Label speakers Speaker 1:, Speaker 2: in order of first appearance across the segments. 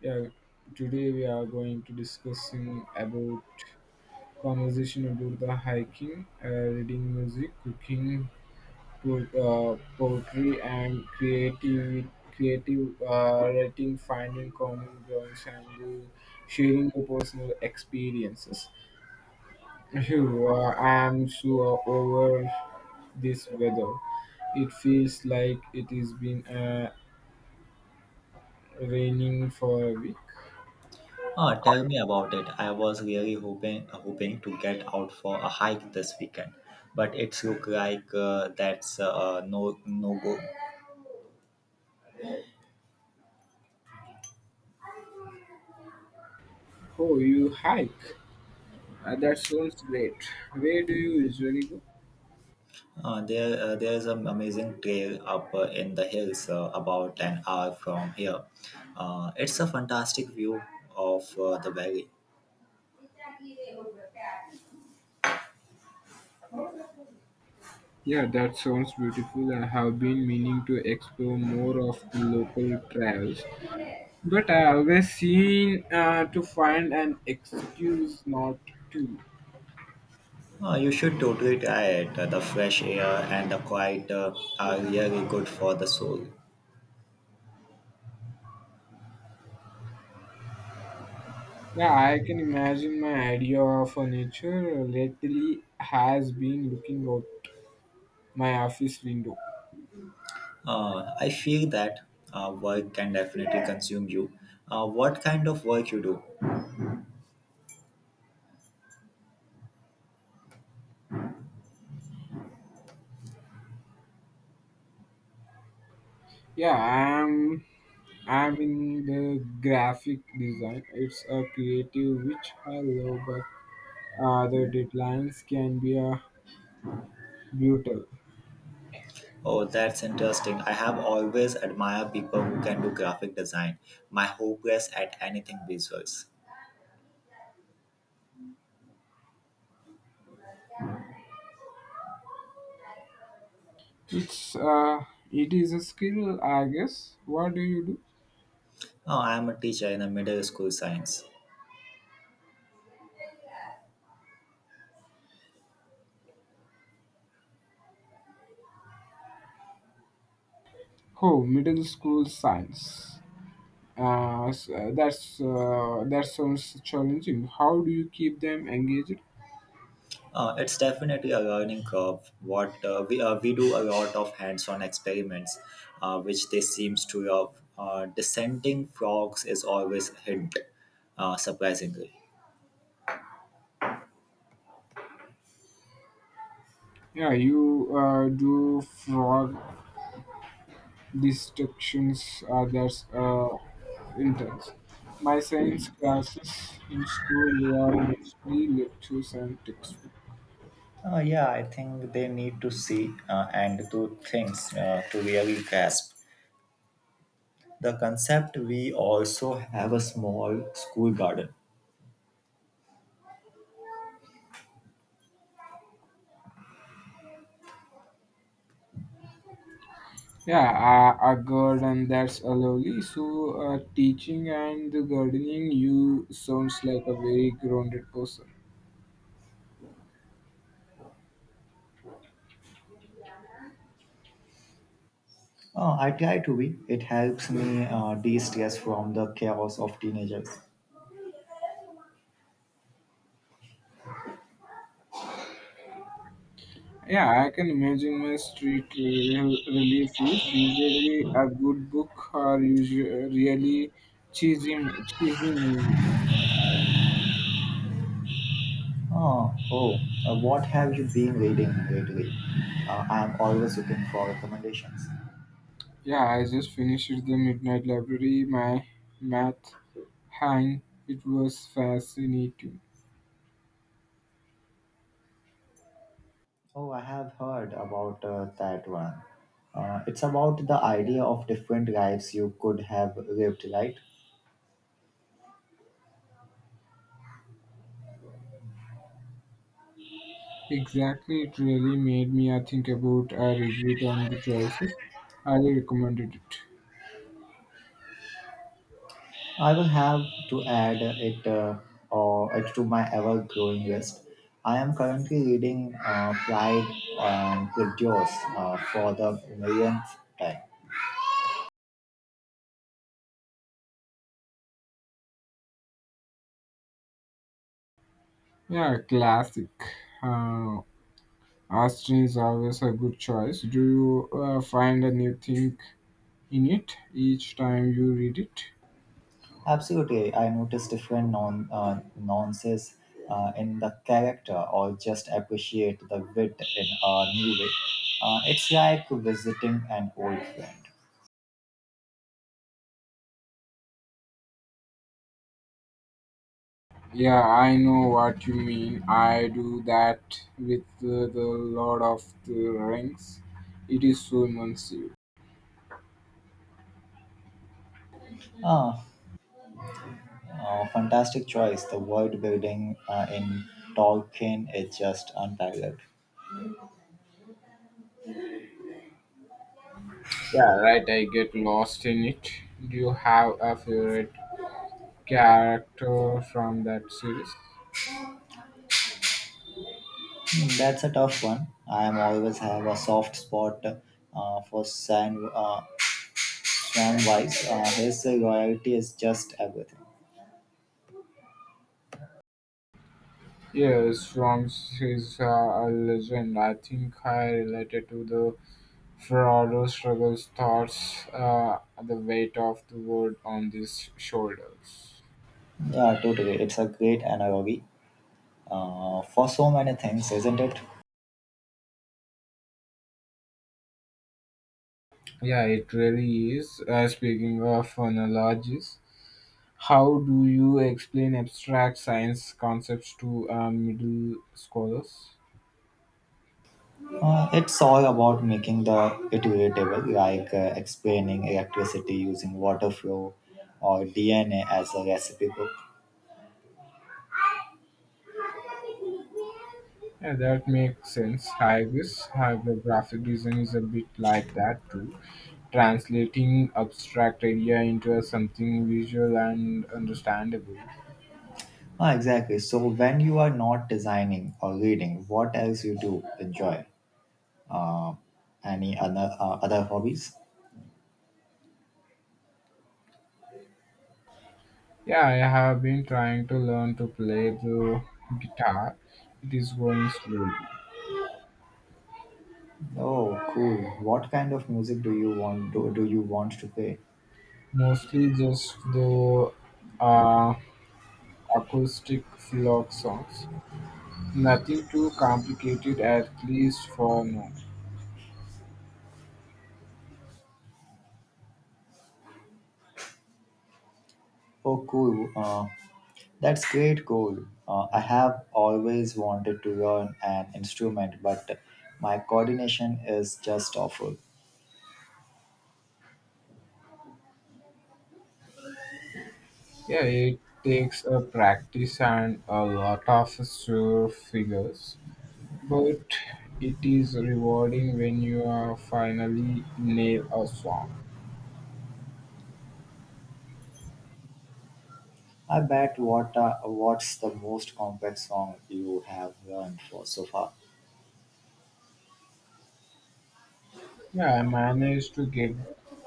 Speaker 1: Yeah, today we are going to discussing about conversation about the hiking, reading music, cooking, put, poetry, and creative writing, finding common grounds, and sharing your personal experiences. Phew, I am so over this weather. It feels like it has been raining for a week.
Speaker 2: Oh, tell me about it. I was really hoping to get out for a hike this weekend, but it's look like that's no go.
Speaker 1: Oh, you hike? That sounds great. Where do you usually go?
Speaker 2: There there's an amazing trail up in the hills about an hour from here. It's a fantastic view of the valley.
Speaker 1: Yeah, that sounds beautiful. I have been meaning to explore more of the local trails, but I always seem to find an excuse not to.
Speaker 2: You should totally try it. The fresh air and the quiet are really good for the soul.
Speaker 1: Yeah, I can imagine my idea of a nature lately has been looking out my office window.
Speaker 2: I feel that work can definitely consume you. What kind of work you do?
Speaker 1: Yeah, I'm in the graphic design. It's a creative which I love, but the deadlines can be brutal.
Speaker 2: Oh, that's interesting. I have always admired people who can do graphic design. My hopeless at anything visuals.
Speaker 1: It's uh, it is a skill, I guess. What do you do?
Speaker 2: Oh, I am a teacher in a middle school science.
Speaker 1: Oh, middle school science. That sounds challenging. How do you keep them engaged?
Speaker 2: It's definitely a learning curve. What we do a lot of hands-on experiments, which they seems to love. Descending frogs is always a hint, surprisingly.
Speaker 1: Yeah, you do frog distractions. That's intense. My science classes in school they are mostly lectures and textbooks.
Speaker 2: Yeah, I think they need to see and do things to really grasp the concept. We also have a small school garden.
Speaker 1: Yeah, a garden that's a lovely. So, teaching and the gardening, you sounds like a very grounded person.
Speaker 2: I try to be. It helps me de-stress from the chaos of teenagers.
Speaker 1: Yeah, I can imagine my relief is usually a good book or usually really cheesy movie.
Speaker 2: Oh, what have you been reading lately? I'm always looking for recommendations.
Speaker 1: Yeah, I just finished the Midnight Library. My math hang, it was fascinating.
Speaker 2: Oh, I have heard about that one. It's about the idea of different lives you could have lived, right?
Speaker 1: Exactly, it really made me think about I regret and the choices. Highly recommended it.
Speaker 2: I will have to add it or it to my ever-growing list. I am currently reading Pride and Prejudice for the millionth time.
Speaker 1: Yeah, classic. Uh, Austin is always a good choice. Do you find a new thing in it each time you read it?
Speaker 2: Absolutely, I notice different non nuances in the character, or just appreciate the wit in a new way. It's like visiting an old friend.
Speaker 1: Yeah, I know what you mean. I do that with the Lord of the Rings. It is so immersive.
Speaker 2: Ah, fantastic choice. The world building in Tolkien is just unparalleled.
Speaker 1: Yeah, right. I get lost in it. Do you have a favorite character from that series.
Speaker 2: That's a tough one. I am always have a soft spot for Sam Weiss. His loyalty is just everything.
Speaker 1: Yes, Swanks is a legend. I think I related to the Frodo struggles, thoughts, the weight of the world on his shoulders.
Speaker 2: Yeah, totally. It's a great analogy for so many things, isn't it?
Speaker 1: Yeah, it really is. Speaking of analogies, how do you explain abstract science concepts to middle scholars?
Speaker 2: It's all about making the it relatable, like explaining electricity using water flow or DNA as a recipe book.
Speaker 1: Yeah, that makes sense. I guess however, graphic design is a bit like that too. Translating abstract idea into something visual and understandable.
Speaker 2: Ah, exactly. So when you are not designing or reading, what else you do enjoy? Uh, Any other hobbies?
Speaker 1: Yeah, I have been trying to learn to play the guitar. It is going slowly.
Speaker 2: Oh, cool. What kind of music do do you want to play?
Speaker 1: Mostly just the uh, acoustic folk songs. Nothing too complicated, at least for now.
Speaker 2: Oh, cool. Uh, that's great goal. I have always wanted to learn an instrument, but my coordination is just awful.
Speaker 1: Yeah, it takes a practice and a lot of sure figures, but it is rewarding when you are finally nail a song.
Speaker 2: I bet what's the most complex song you have learned for so far?
Speaker 1: Yeah, I managed to get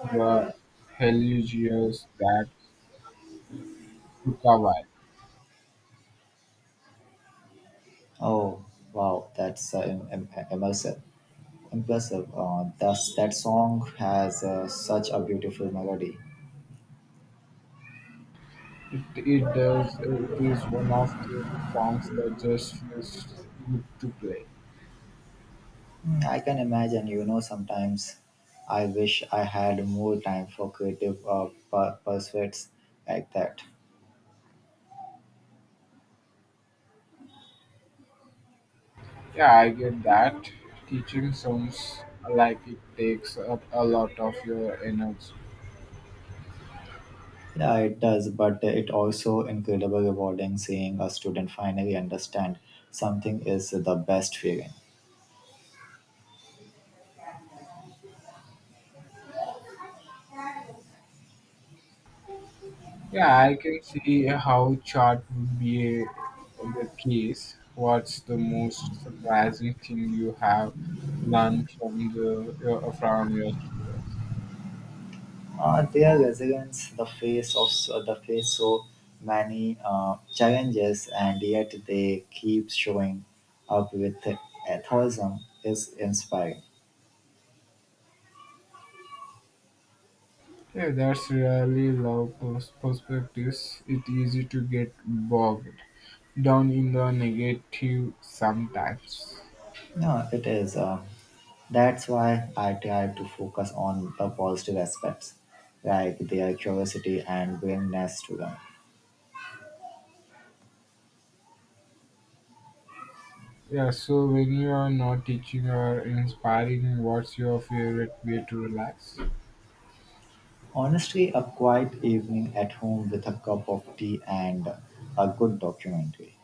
Speaker 1: the Helios that took a while.
Speaker 2: Oh, wow, that's im- im- immersive. Impressive. That song has such a beautiful melody.
Speaker 1: It does. It is one of the songs that just feels good to play.
Speaker 2: Mm, I can imagine, you know, sometimes I wish I had more time for creative pursuits like that.
Speaker 1: Yeah, I get that. Teaching sounds like it takes up a lot of your energy.
Speaker 2: Yeah, it does, but it also incredible rewarding seeing a student finally understand something is the best feeling.
Speaker 1: Yeah, I can see how chart would be the case. What's the most surprising thing you have learned from from your students?
Speaker 2: Their resilience, the face so many challenges, and yet they keep showing up with enthusiasm is inspiring.
Speaker 1: Yeah, that's really perspectives. It's easy to get bogged down in the negative sometimes.
Speaker 2: No, it is. That's why I try to focus on the positive aspects, like their curiosity and willingness to learn.
Speaker 1: Yeah, so when you are not teaching or inspiring, what's your favorite way to relax?
Speaker 2: Honestly, a quiet evening at home with a cup of tea and a good documentary.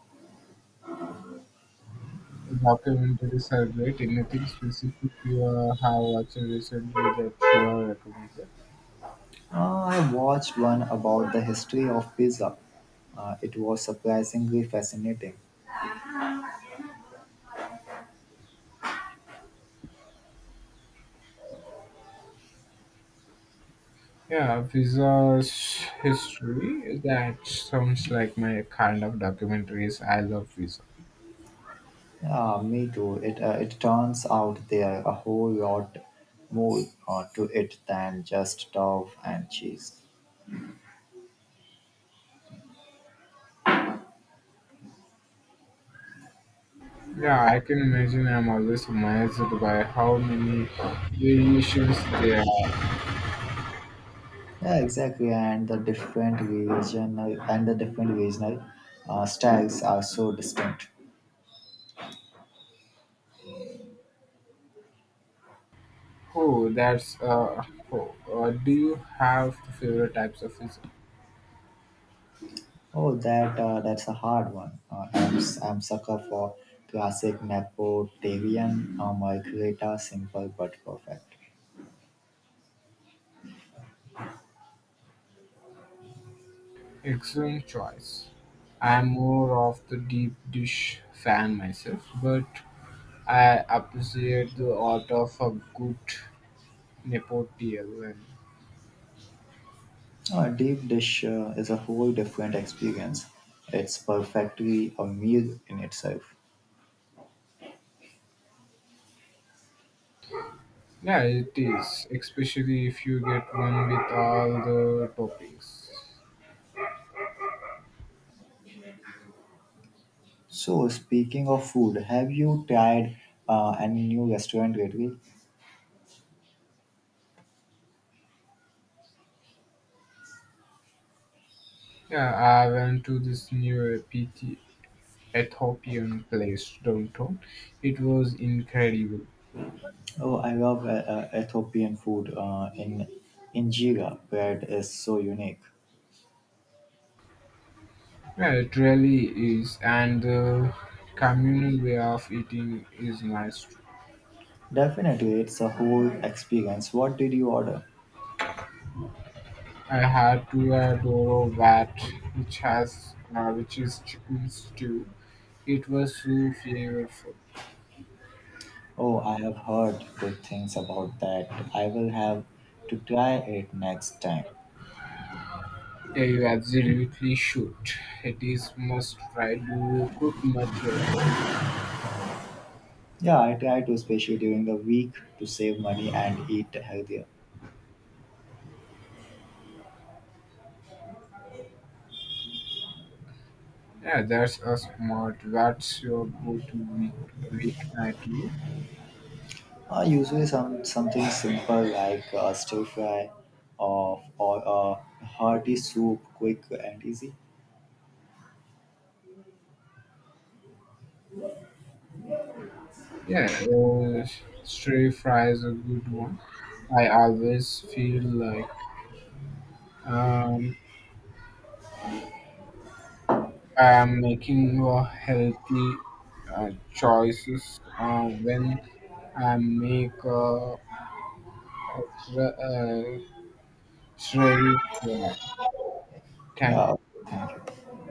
Speaker 1: Documentary circulate anything specific you have watched recently that you are recommended?
Speaker 2: I watched one about the history of pizza. It was surprisingly fascinating.
Speaker 1: Yeah, visas history, that sounds like my kind of documentaries. I love pizza.
Speaker 2: Me too. It turns out there are a whole lot more to it than just dough and cheese.
Speaker 1: Yeah, I can imagine. I'm always amazed by how many variations there are.
Speaker 2: Yeah, exactly. And the different regional styles are so distinct.
Speaker 1: Oh that's oh, do you have the favorite types of pizza?
Speaker 2: Oh, that's a hard one. I'm sucker for classic Napoleon, margherita, simple but perfect.
Speaker 1: Excellent choice. I'm more of the deep dish fan myself, but I appreciate the art of a good nepotial, and
Speaker 2: A deep dish is a whole different experience. It's perfectly a meal in itself.
Speaker 1: yeah, it is, especially if you get one with all the toppings.
Speaker 2: So, speaking of food, have you tried any new restaurant lately?
Speaker 1: Yeah, I went to this new PT Ethiopian place downtown. It was incredible.
Speaker 2: Oh, I love Ethiopian food in injera. Bread is so unique.
Speaker 1: Yeah, it really is, and the communal way of eating is nice. Too.
Speaker 2: Definitely, it's a whole experience. What did you order?
Speaker 1: I had to adore that, which has, which is chicken stew. It was so flavorful.
Speaker 2: Oh, I have heard good things about that. I will have to try it next time.
Speaker 1: Yeah, you absolutely should. It is must try. Do you cook much yourself?
Speaker 2: Yeah, I try to, especially during the week, to save money and eat healthier.
Speaker 1: Yeah, that's a smart. What's your go-to week weeknight meal?
Speaker 2: Usually, something simple like a stir fry, of or a hearty soup, quick and easy.
Speaker 1: Yeah, stir fry is a good one. I always feel like um, I'm making more healthy choices when I make a stir fry. Thank
Speaker 2: Yeah, thank you.